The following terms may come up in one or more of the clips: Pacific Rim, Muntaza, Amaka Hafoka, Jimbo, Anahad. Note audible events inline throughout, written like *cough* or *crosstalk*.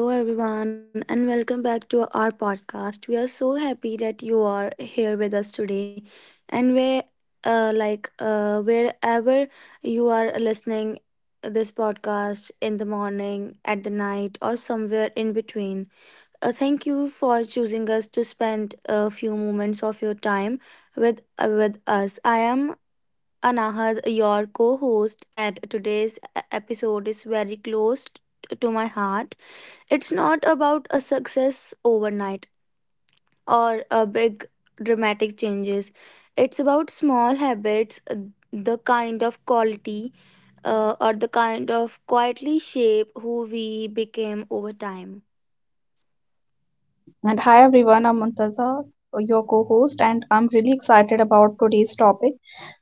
Hello, everyone, and welcome back to our podcast. We are so happy that you are here with us today, and wherever you are listening this podcast in the morning, at the night, or somewhere in between. Thank you for choosing us to spend a few moments of your time with us. I am Anahad, your co-host, and today's episode is very close to my heart. It's not about a success overnight or a big dramatic changes. It's about small habits, the kind of quietly shape who we became over time. And hi everyone, I'm Muntaza, your co host, and I'm really excited about today's topic.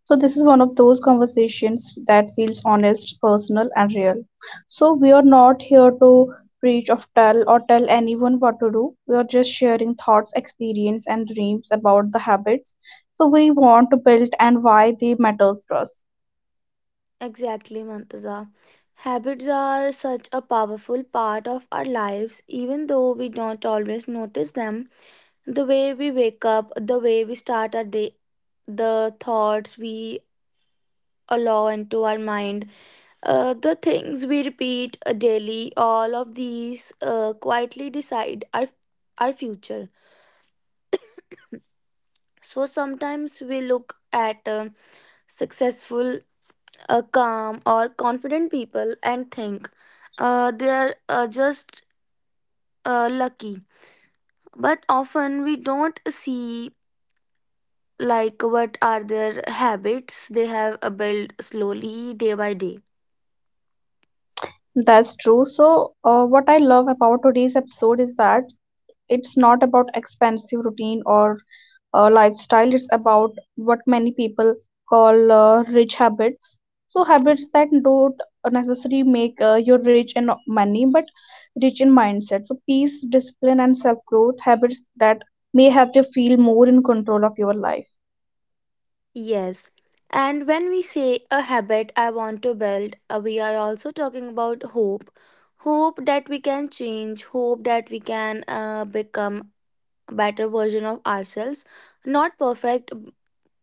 So, this is one of those conversations that feels honest, personal, and real. So, we are not here to preach or tell anyone what to do. We are just sharing thoughts, experience, and dreams about the habits. So, we want to build and why they matters to us. Exactly, Mantaza. Habits are such a powerful part of our lives, even though we don't always notice them. The way we wake up, the way we start our day, the thoughts we allow into our mind. The things we repeat daily, all of these quietly decide our future. So sometimes we look at successful, calm, or confident people and think they are just lucky. But often we don't see like what are their habits they have built slowly day by day. That's true. So, what I love about today's episode is that it's not about expensive routine or lifestyle, it's about what many people call rich habits, so habits that don't necessarily make you rich in money but rich in mindset, so peace, discipline, and self growth, habits that may help you feel more in control of your life. Yes. And when we say a habit I want to build, we are also talking about hope. Hope that we can change, hope that we can become a better version of ourselves. Not perfect,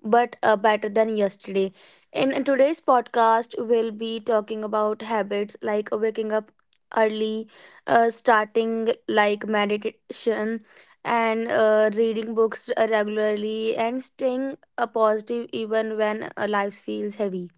but better than yesterday. In today's podcast, we'll be talking about habits like waking up early, starting like meditation, and reading books regularly, and staying positive even when life feels heavy.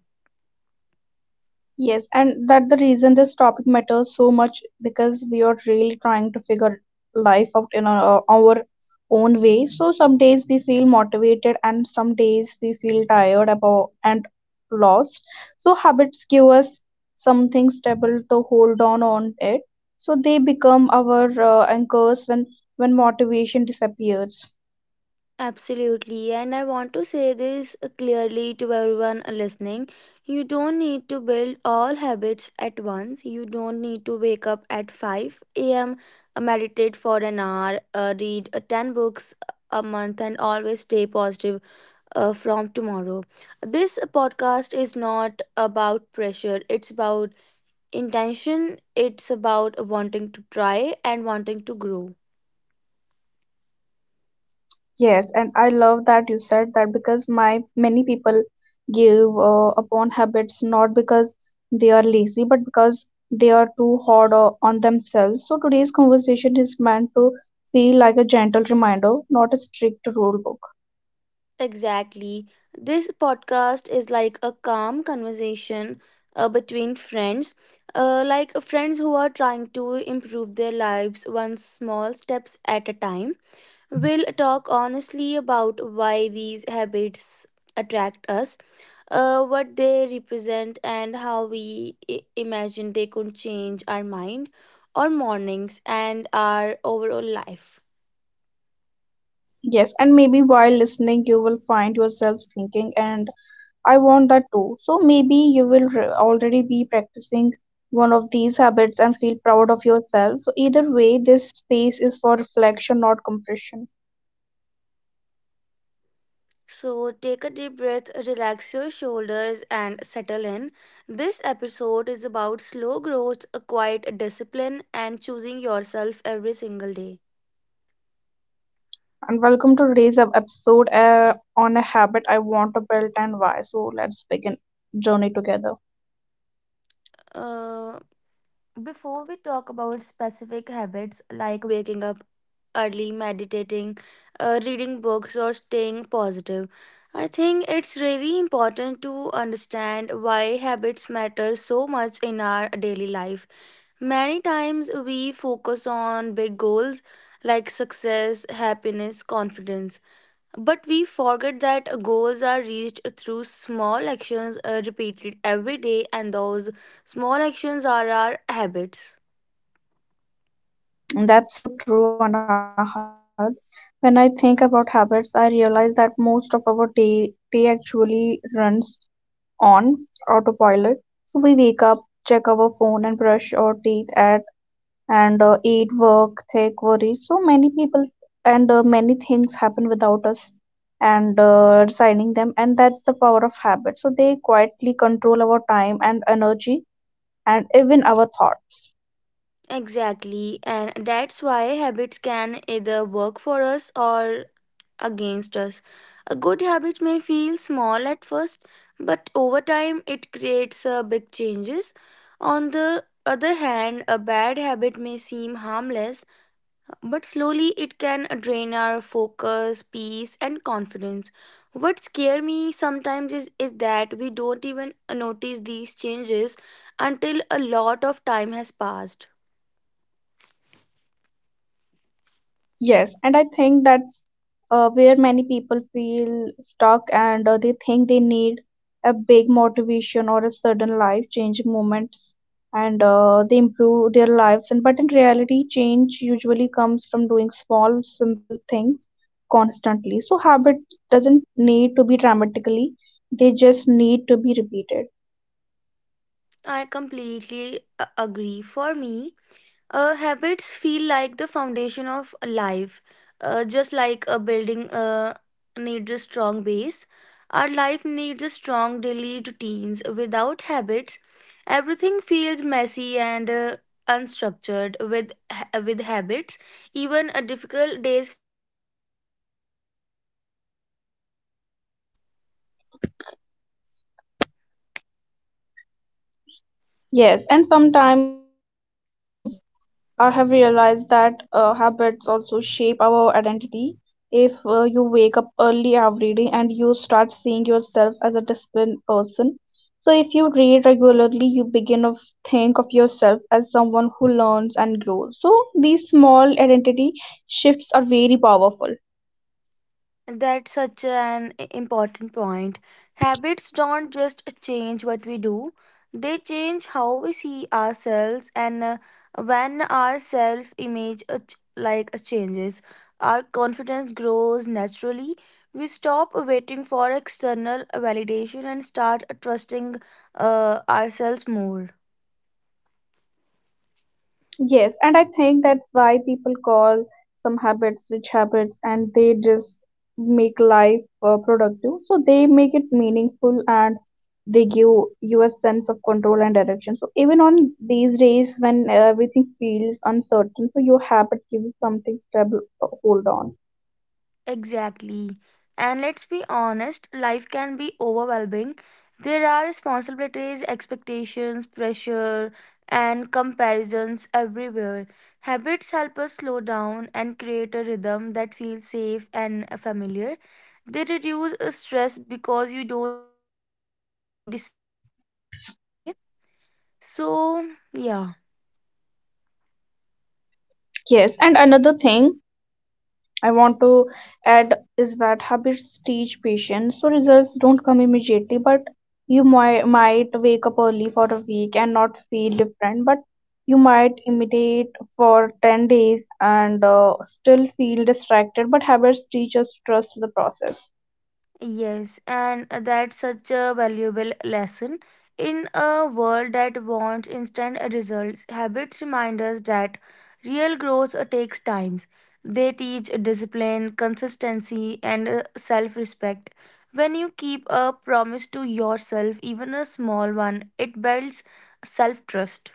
Yes, and that the reason this topic matters so much, because we are really trying to figure life out in our own way. So some days we feel motivated and some days we feel tired about and lost. So habits give us something stable to hold on it. So they become our anchors when motivation disappears. Absolutely, and I want to say this clearly to everyone listening. You don't need to build all habits at once. You don't need to wake up at 5 a.m., meditate for an hour, read 10 books a month, and always stay positive from tomorrow. This podcast is not about pressure, it's about intention, it's about wanting to try and wanting to grow. Yes, and I love that you said that, because my many people give upon habits not because they are lazy but because they are too hard on themselves. So today's conversation is meant to feel like a gentle reminder, not a strict rule book. Exactly. This podcast is like a calm conversation between friends, like friends who are trying to improve their lives one small steps at a time. We'll talk honestly about why these habits attract us, what they represent, and how we imagine they could change our mind, our mornings, and our overall life. Yes, and maybe while listening, you will find yourself thinking and I want that too. So maybe you will already be practicing one of these habits and feel proud of yourself. So, either way, this space is for reflection, not compression. So take a deep breath, relax your shoulders, and settle in. This episode is about slow growth, a quiet discipline, and choosing yourself every single day. And welcome to today's episode on a habit I want to build and why. So, let's begin journey together. Uh, Before we talk about specific habits like waking up early, meditating, reading books, or staying positive, I think it's really important to understand why habits matter so much in our daily life. Many times we focus on big goals like success, happiness, confidence, but we forget that goals are reached through small actions repeated every day, and those small actions are our habits. And that's so true, Anahad. When I think about habits, I realize that most of our day actually runs on autopilot. So, we wake up, check our phone, and brush our teeth at and eat, work, take, worry. So many people and many things happen without us and designing them, and that's the power of habit. So they quietly control our time and energy and even our thoughts. Exactly, and that's why habits can either work for us or against us. A good habit may feel small at first, but over time it creates big changes. On the other hand, a bad habit may seem harmless, but slowly it can drain our focus, peace, and confidence. What scares me sometimes is that we don't even notice these changes until a lot of time has passed. Yes, and I think that's where many people feel stuck and they think they need a big motivation or a sudden life changing moments and they improve their lives and, but in reality change usually comes from doing small simple things constantly, so habit doesn't need to be dramatically, they just need to be repeated. I completely agree. For me, habits feel like the foundation of life. Just like a building needs a strong base, our life needs a strong daily routines. Without habits, everything feels messy and unstructured. With habits, even a difficult days feels a little more manageable. Yes, and sometimes I have realized that habits also shape our identity. If you wake up early every day and you start seeing yourself as a disciplined person, so if you read regularly, you begin to think of yourself as someone who learns and grows. So these small identity shifts are very powerful. That's such an important point. Habits don't just change what we do, they change how we see ourselves and when our self image changes, our confidence grows naturally. We stop waiting for external validation and start trusting ourselves more. Yes, and I think that's why people call some habits rich habits, and they just make life productive. So they make it meaningful and they give you a sense of control and direction. So even on these days when everything feels uncertain, so your habit gives you something stable to hold on. Exactly. And let's be honest, life can be overwhelming. There are responsibilities, expectations, pressure, and comparisons everywhere. Habits help us slow down and create a rhythm that feels safe and familiar. They reduce stress because you don't have to make too many decisions every day. So, yeah. Yes, and another thing I want to add is that habits teach patience, so results don't come immediately, but you might wake up early for a week and not feel different, but you might imitate for 10 days and still feel distracted, but habits teach us trust the process. Yes, and that's such a valuable lesson. In a world that wants instant results, habits remind us that real growth takes time. They teach discipline, consistency, and self respect. When you keep a promise to yourself, even a small one, it builds self trust.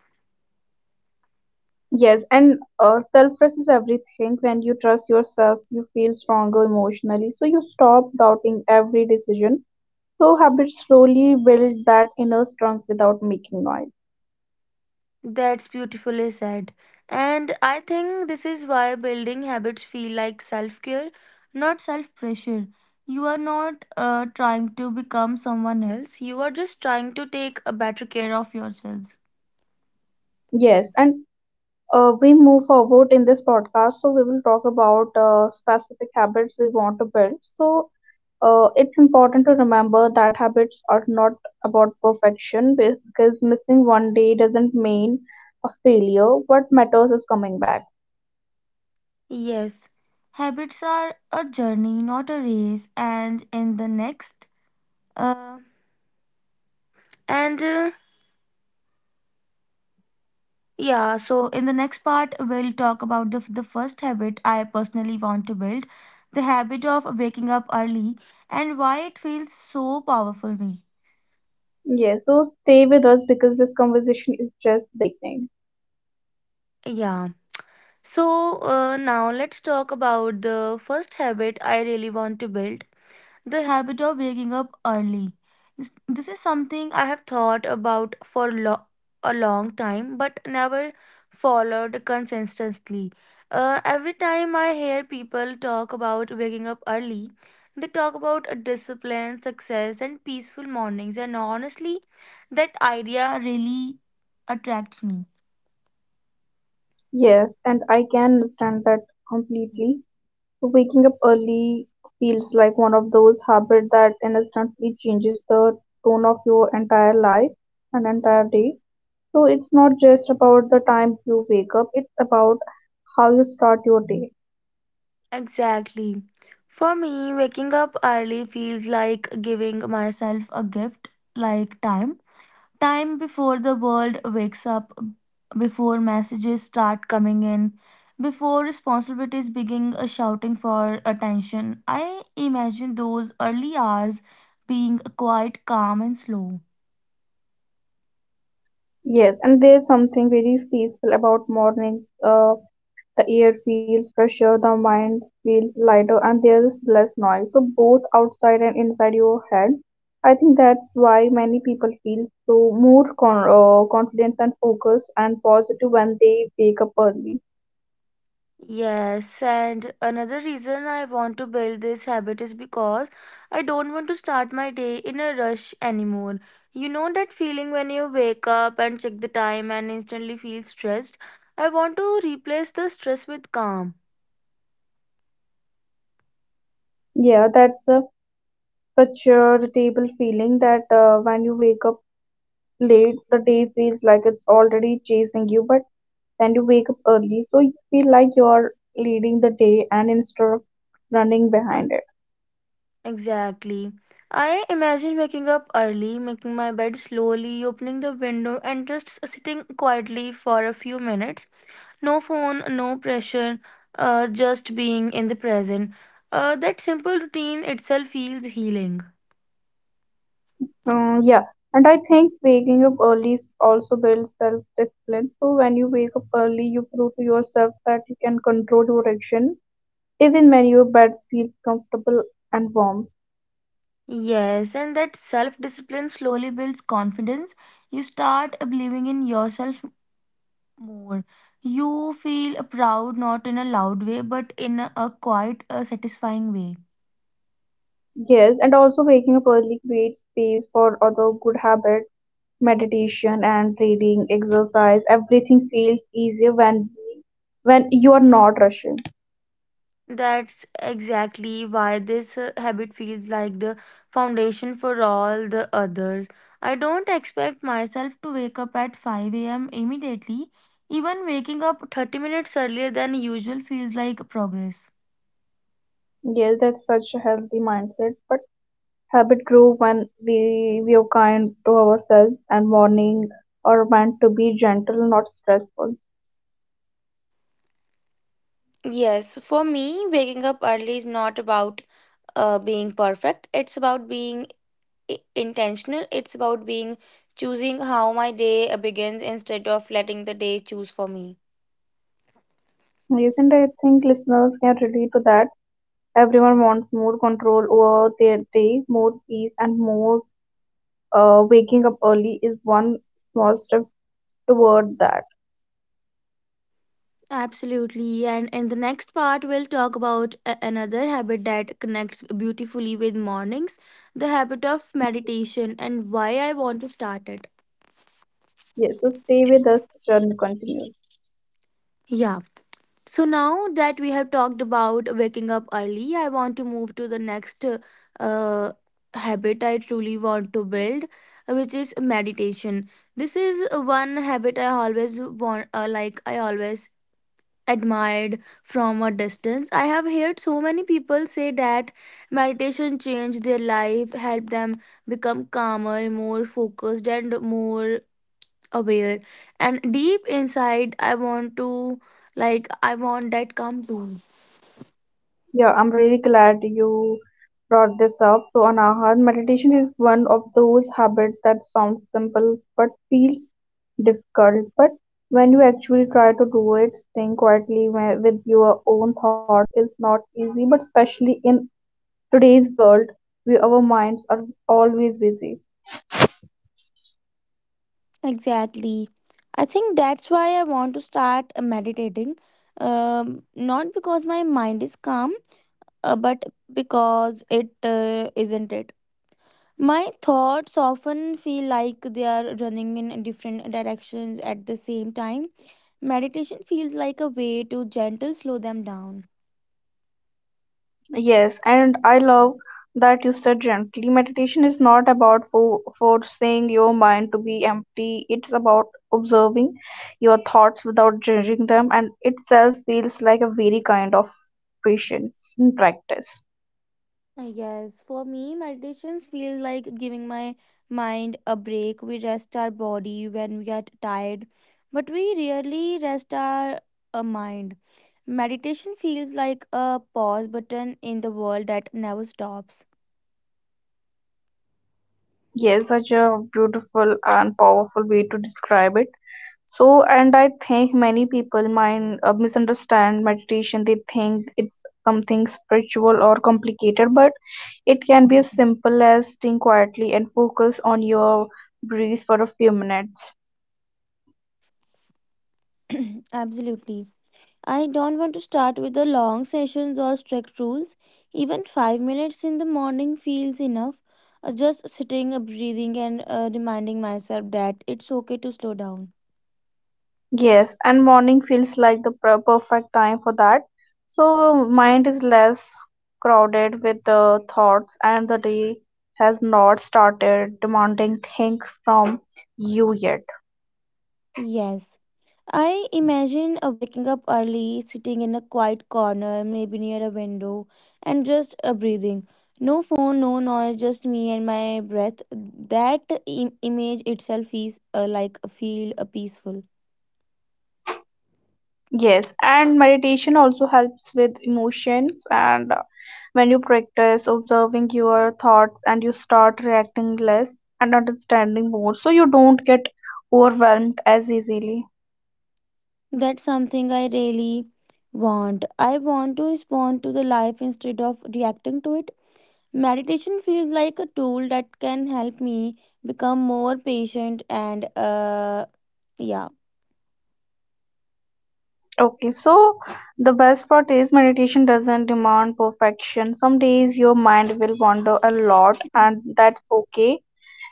Yes, and self trust is everything. When you trust yourself, you feel stronger emotionally, so you stop doubting every decision. So habits slowly build that inner strength without making noise. That's beautifully said. And I think this is why building habits feel like self care, not self pressure. You are not trying to become someone else, you are just trying to take a better care of yourselves. Yes, and we move forward in this podcast, so we will talk about specific habits we want to build. So, it's important to remember that habits are not about perfection, because missing one day doesn't mean a failure. What matters is coming back. Yes, habits are a journey, not a race. And in the next, uh, and Yeah, so in the next part, we'll talk about the first habit I personally want to build, the habit of waking up early and why it feels so powerful me. Yeah, so stay with us, because this conversation is just beginning. Yeah. So now let's talk about the first habit I really want to build, the habit of waking up early. This is something I have thought about for a long time but never followed consistently. Every time I hear people talk about waking up early, they talk about a discipline, success, and peaceful mornings, and honestly, that idea really attracts me. Yes, and I can understand that completely. Waking up early feels like one of those habits that instantly changes the tone of your entire life and entire day. So it's not just about the time you wake up, it's about how you start your day. Exactly. For me, waking up early feels like giving myself a gift, like time before the world wakes up, before messages start coming in, before responsibilities begin shouting for attention. I imagine those early hours being quite calm and slow. Yes, and there's something very peaceful about mornings. The air feels fresher, the mind feels lighter, and there's less noise. So, both outside and inside your head. I think that's why many people feel so more confident and focused and positive when they wake up early. Yes, and another reason I want to build this habit is because I don't want to start my day in a rush anymore. You know that feeling when you wake up and check the time and instantly feel stressed? I want to replace the stress with calm. Yeah, that's such a relatable feeling, that when you wake up late, the day feels like it's already chasing you, but then you wake up early, so you feel like you're leading the day and instead of running behind it. Exactly. I imagine waking up early, making my bed slowly, opening the window, and just sitting quietly for a few minutes. No phone, no pressure, just being in the present. That simple routine itself feels healing. Yeah, and I think waking up early also builds self-discipline. So when you wake up early, you prove to yourself that you can control your action, even when your bed feels comfortable and warm. Yes, and that self discipline slowly builds confidence. You start believing in yourself more. You feel proud, not in a loud way, but in a quiet, satisfying way. Yes, and also waking up early creates space for other good habits, meditation and reading, exercise. Everything feels easier when you are not rushing. That's exactly why this habit feels like the foundation for all the others. I don't expect myself to wake up at 5 a.m. immediately. Even waking up 30 minutes earlier than usual feels like progress. Yes, that's such a healthy mindset. But habit grew when we were kind to ourselves, and morning are meant to be gentle, not stressful. Yes, for me, waking up early is not about being perfect. It's about being intentional. It's about being choosing how my day begins instead of letting the day choose for me. Recent, I think listeners can relate to that. Everyone wants more control over their day, more peace, and more, waking up early is one small step toward that. Absolutely. And in the next part, we'll talk about another habit that connects beautifully with mornings, the habit of meditation and why I want to start it. Yes, so stay with us, journey continues. Yeah. So now that we have talked about waking up early, I want to move to the next habit I truly want to build, which is meditation. This is one habit I always want, like I always admired from a distance. I have heard so many people say that meditation changed their life, helped them become calmer, more focused, and more aware. And deep inside, I want that calm too. Yeah, I'm really glad you brought this up. So, Anahat, meditation is one of those habits that sounds simple but feels difficult. But when you actually try to do it, staying quietly with your own thoughts is not easy. But especially in today's world, where our minds are always busy. Exactly. I think that's why I want to start meditating. Not because my mind is calm, but because it isn't it. My thoughts often feel like they are running in different directions at the same time. Meditation feels like a way to gentle slow them down. Yes, and I love that you said gently. Meditation is not about forcing your mind to be empty, it's about observing your thoughts without judging them, and itself feels like a very kind of patience in practice. Yes, for me, meditations feel like giving my mind a break. We rest our body when we are tired, but we rarely rest our mind. Meditation feels like a pause button in the world that never stops. Yes, such a beautiful and powerful way to describe it. So, and I think many people mind misunderstand meditation. They think it's something spiritual or complicated, but it can be as simple as staying quietly and focus on your breath for a few minutes. *clears throat* Absolutely. I don't want to start with the long sessions or strict rules. Even 5 minutes in the morning feels enough. Just sitting, breathing, and reminding myself that it's okay to slow down. Yes, and morning feels like the perfect time for that. So mind is less crowded with the thoughts, and the day has not started demanding things from you yet. Yes. I imagine waking up early, sitting in a quiet corner, maybe near a window, and just breathing. No phone, no noise, just me and my breath. That image itself is like feel peaceful. Yes, and meditation also helps with emotions and, when you practice observing your thoughts and you start reacting less and understanding more, so you don't get overwhelmed as easily. That's something I really want. I want to respond to the life instead of reacting to it. Meditation feels like a tool that can help me become more patient and, yeah. Okay, so the best part is meditation doesn't demand perfection. Some days your mind will wander a lot, and that's okay.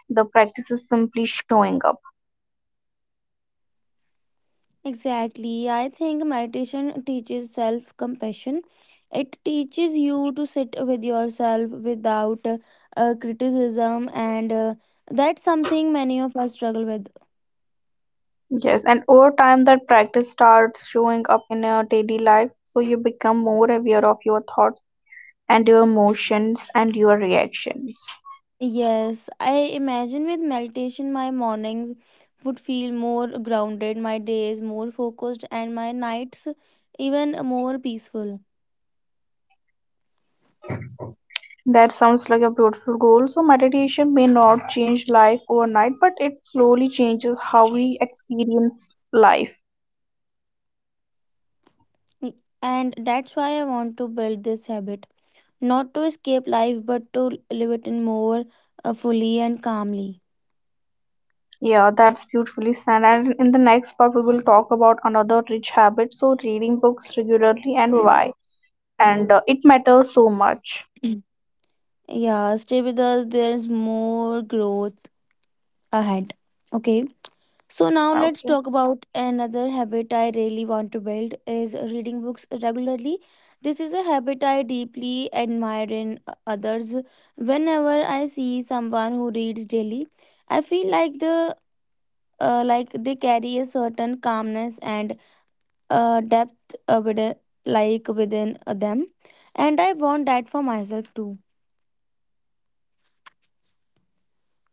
The practice is simply showing up. Exactly. I think meditation teaches self compassion. It teaches you to sit with yourself without criticism, and that's something many of us struggle with. Yes, and over time, that practice starts showing up in your daily life. So you become more aware of your thoughts and your emotions and your reactions. Yes, I imagine with meditation my mornings would feel more grounded, my days more focused, and my nights even more peaceful. That sounds like a beautiful goal. So, meditation may not change life overnight, but it slowly changes how we experience life. And that's why I want to build this habit, not to escape life, but to live it in more fully and calmly. Yeah, that's beautifully said. And in the next part, we will talk about another rich habit. So, reading books regularly and why. And it matters so much. *clears throat* Yeah, stay with us, there's more growth ahead. Okay. So now let's Okay. talk about another habit I really want to build is reading books regularly. This is a habit I deeply admire in others. Whenever I see someone who reads daily, I feel like they carry a certain calmness and depth with, like within them, and I want that for myself too.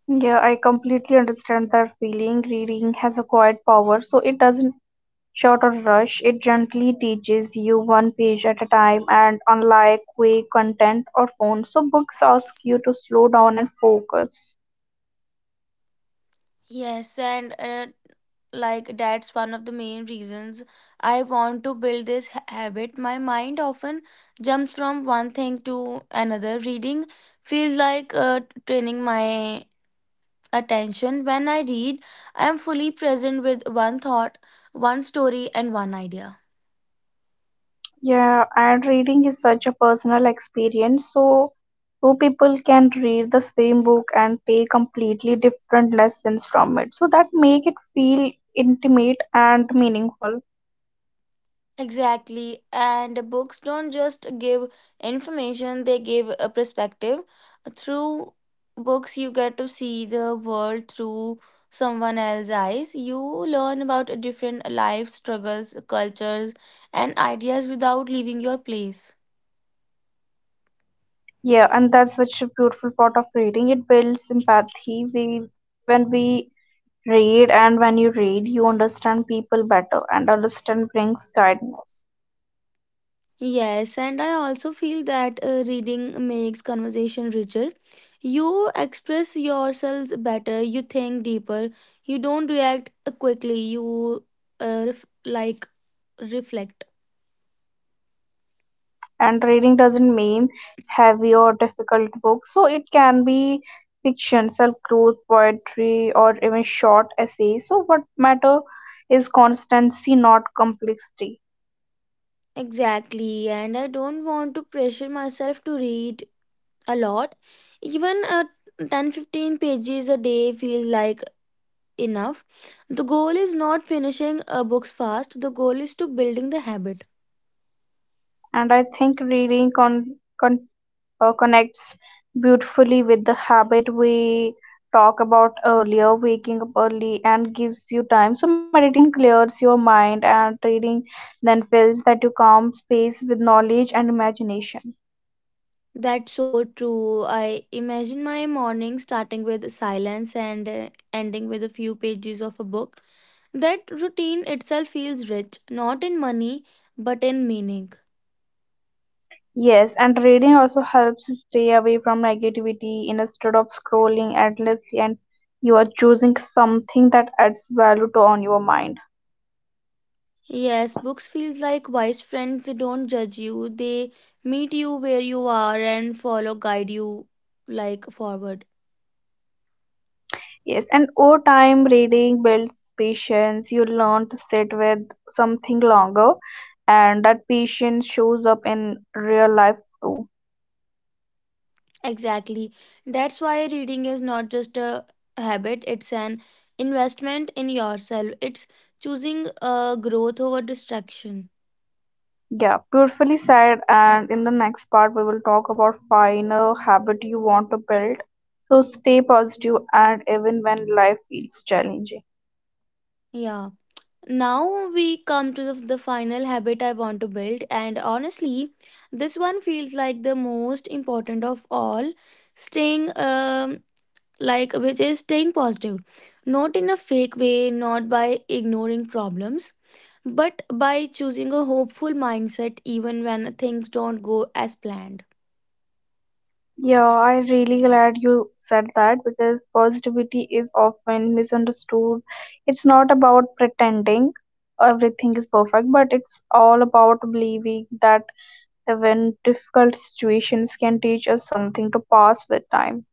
Yeah, I completely understand that feeling. Reading has a quiet power, so it doesn't short or rush. It gently teaches you one page at a time, and unlike quick content or phone, so books ask you to slow down and focus. Yes, and that's one of the main reasons I want to build this habit. My mind often jumps from one thing to another. Reading feels like training my attention. When I read, I am fully present with one thought, one story, and one idea. Yeah, and reading is such a personal experience. So, two people can read the same book and take completely different lessons from it. So that make it feel intimate and meaningful. Exactly. And books don't just give information, they give a perspective. Through books, you get to see the world through someone else's eyes. You learn about different life struggles, cultures, and ideas without leaving your place. Yeah, and that's such a beautiful part of reading. It builds empathy. We When we read and when you read, you understand people better, and understand brings kindness. Yes, and I also feel that reading makes conversation richer. You express yourselves better, you think deeper, you don't react quickly, you uh, ref- like reflect. And reading doesn't mean heavy or difficult books, so it can be fiction, self growth, poetry, or even short essays, so what matter is constancy, not complexity. Exactly, and I don't want to pressure myself to read a lot. Even 10-15 pages a day feels like enough. The goal is not finishing books fast, the goal is to building the habit. And I think reading con- connects beautifully with the habit we talk about earlier, waking up early, and gives you time, so meditation clears your mind and reading then fills that you calm space with knowledge and imagination. That's so true. I imagine my morning starting with silence and ending with a few pages of a book. That routine itself feels rich, not in money, but in meaning. Yes, and reading also helps you stay away from negativity, instead of scrolling endlessly, and you are choosing something that adds value to on your mind. Yes, books feels like wise friends. They don't judge you. They meet you where you are and follow, guide you like forward. Yes, and over time reading builds patience. You learn to sit with something longer, and that patience shows up in real life too. Exactly. That's why reading is not just a habit. It's an investment in yourself. It's choosing growth over distraction. Yeah, beautifully said, and in the next part we will talk about final habit you want to build. So stay positive and even when life feels challenging. Yeah. Now we come to the final habit I want to build, and honestly, this one feels like the most important of all. Staying like which is staying positive, not in a fake way, not by ignoring problems, but by choosing a hopeful mindset even when things don't go as planned. Yeah, I'm really glad you said that, because positivity is often misunderstood. It's not about pretending everything is perfect, but it's all about believing that even difficult situations can teach us something to pass with time.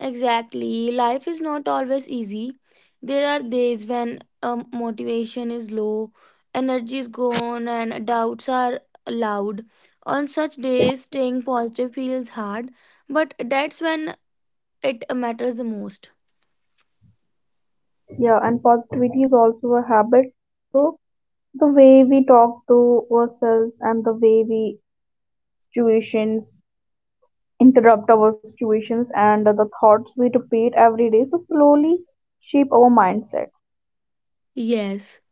Exactly, life is not always easy. There are days when motivation is low, energy is gone, and doubts are loud. On such days staying positive feels hard, but that's when it matters the most. Yeah, and positivity is also a habit. So the way we talk to ourselves and the way we situations interrupt our situations, and the thoughts we repeat every day, so slowly shape our mindset. Yes,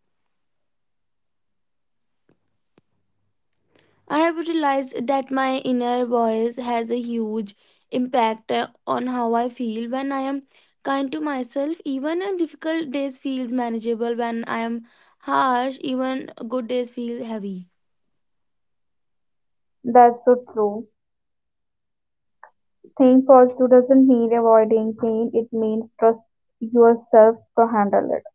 I have realized that my inner voice has a huge impact on how I feel. When I am kind to myself, even a difficult days feels manageable. When I am harsh, even good days feel heavy. That's so true. Think positive doesn't mean avoiding pain, it means trust yourself to handle it.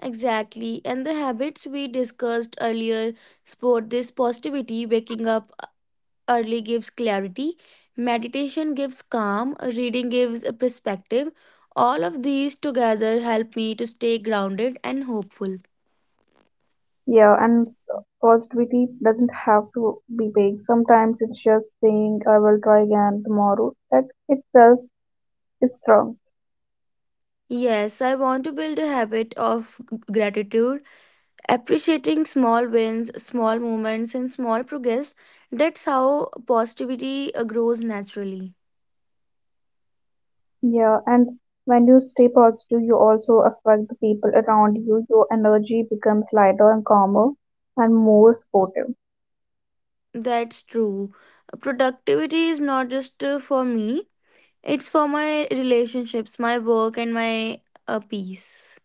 Exactly, and the habits we discussed earlier support this positivity. Waking up early gives clarity, meditation gives calm, reading gives a perspective. All of these together help me to stay grounded and hopeful. Yeah, and positivity doesn't have to be big, sometimes it's just saying I will try again tomorrow, that itself is strong. Yes, I want to build a habit of gratitude, appreciating small wins, small moments, and small progress. That's how positivity grows naturally. Yeah, and when you stay positive, you also affect the people around you. Your energy becomes lighter and calmer and more supportive. That's true. Productivity is not just for me, it's for my relationships, my work, and my peace.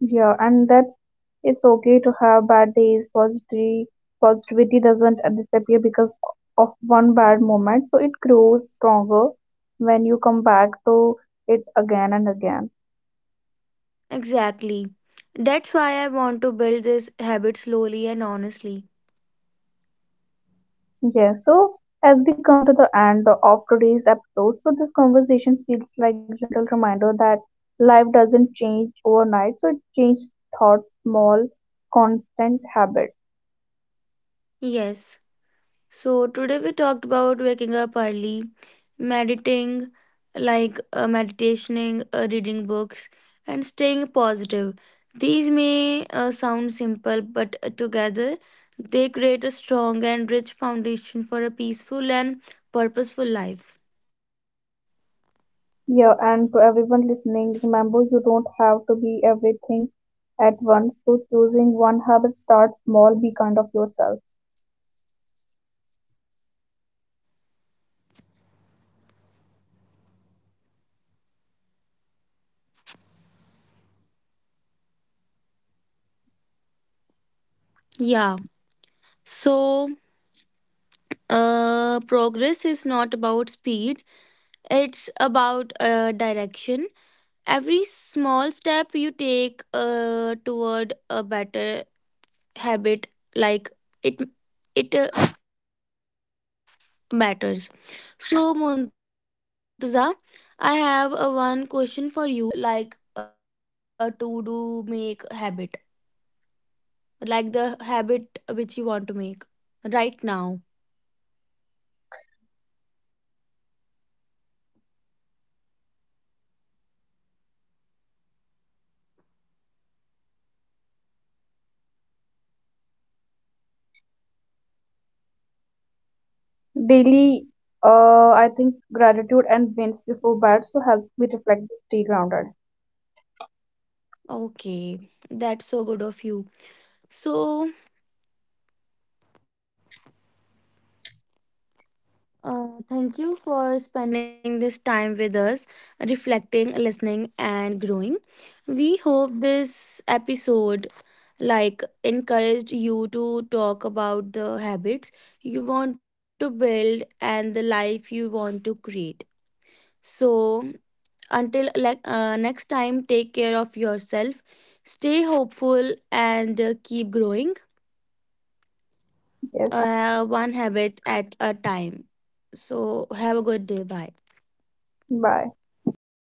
Yeah, and that it's okay to have bad days. Positivity doesn't disappear because of one bad moment. So it grows stronger when you come back to it again and again. Exactly. That's why I want to build this habit slowly and honestly. Yeah, so as we come to the end of today's episode, so this conversation feels like gentle reminder that life doesn't change overnight, so it changes thoughts, small, constant habit. Yes. So, today we talked about waking up early, meditating, meditationing, reading books, and staying positive. These may sound simple, but together they create a strong and rich foundation for a peaceful and purposeful life. Yeah, and to everyone listening, remember you don't have to be everything at once. So choosing one habit, start small, be kind of yourself. Yeah. So, progress is not about speed, it's about direction. Every small step you take toward a better habit, like it it matters. So, Muntaza, I have a one question for you. like which is your uh a to do make habit, like the habit which you want to make right now? Daily, I think gratitude and wins before bad, so help me reflect, stay grounded. Okay, that's so good of you. So, thank you for spending this time with us, reflecting, listening, and growing. We hope this episode encouraged you to talk about the habits you want to build and the life you want to create. So until next time, take care of yourself, stay hopeful, and keep growing Yes, one habit at a time. So have a good day. Bye. bye.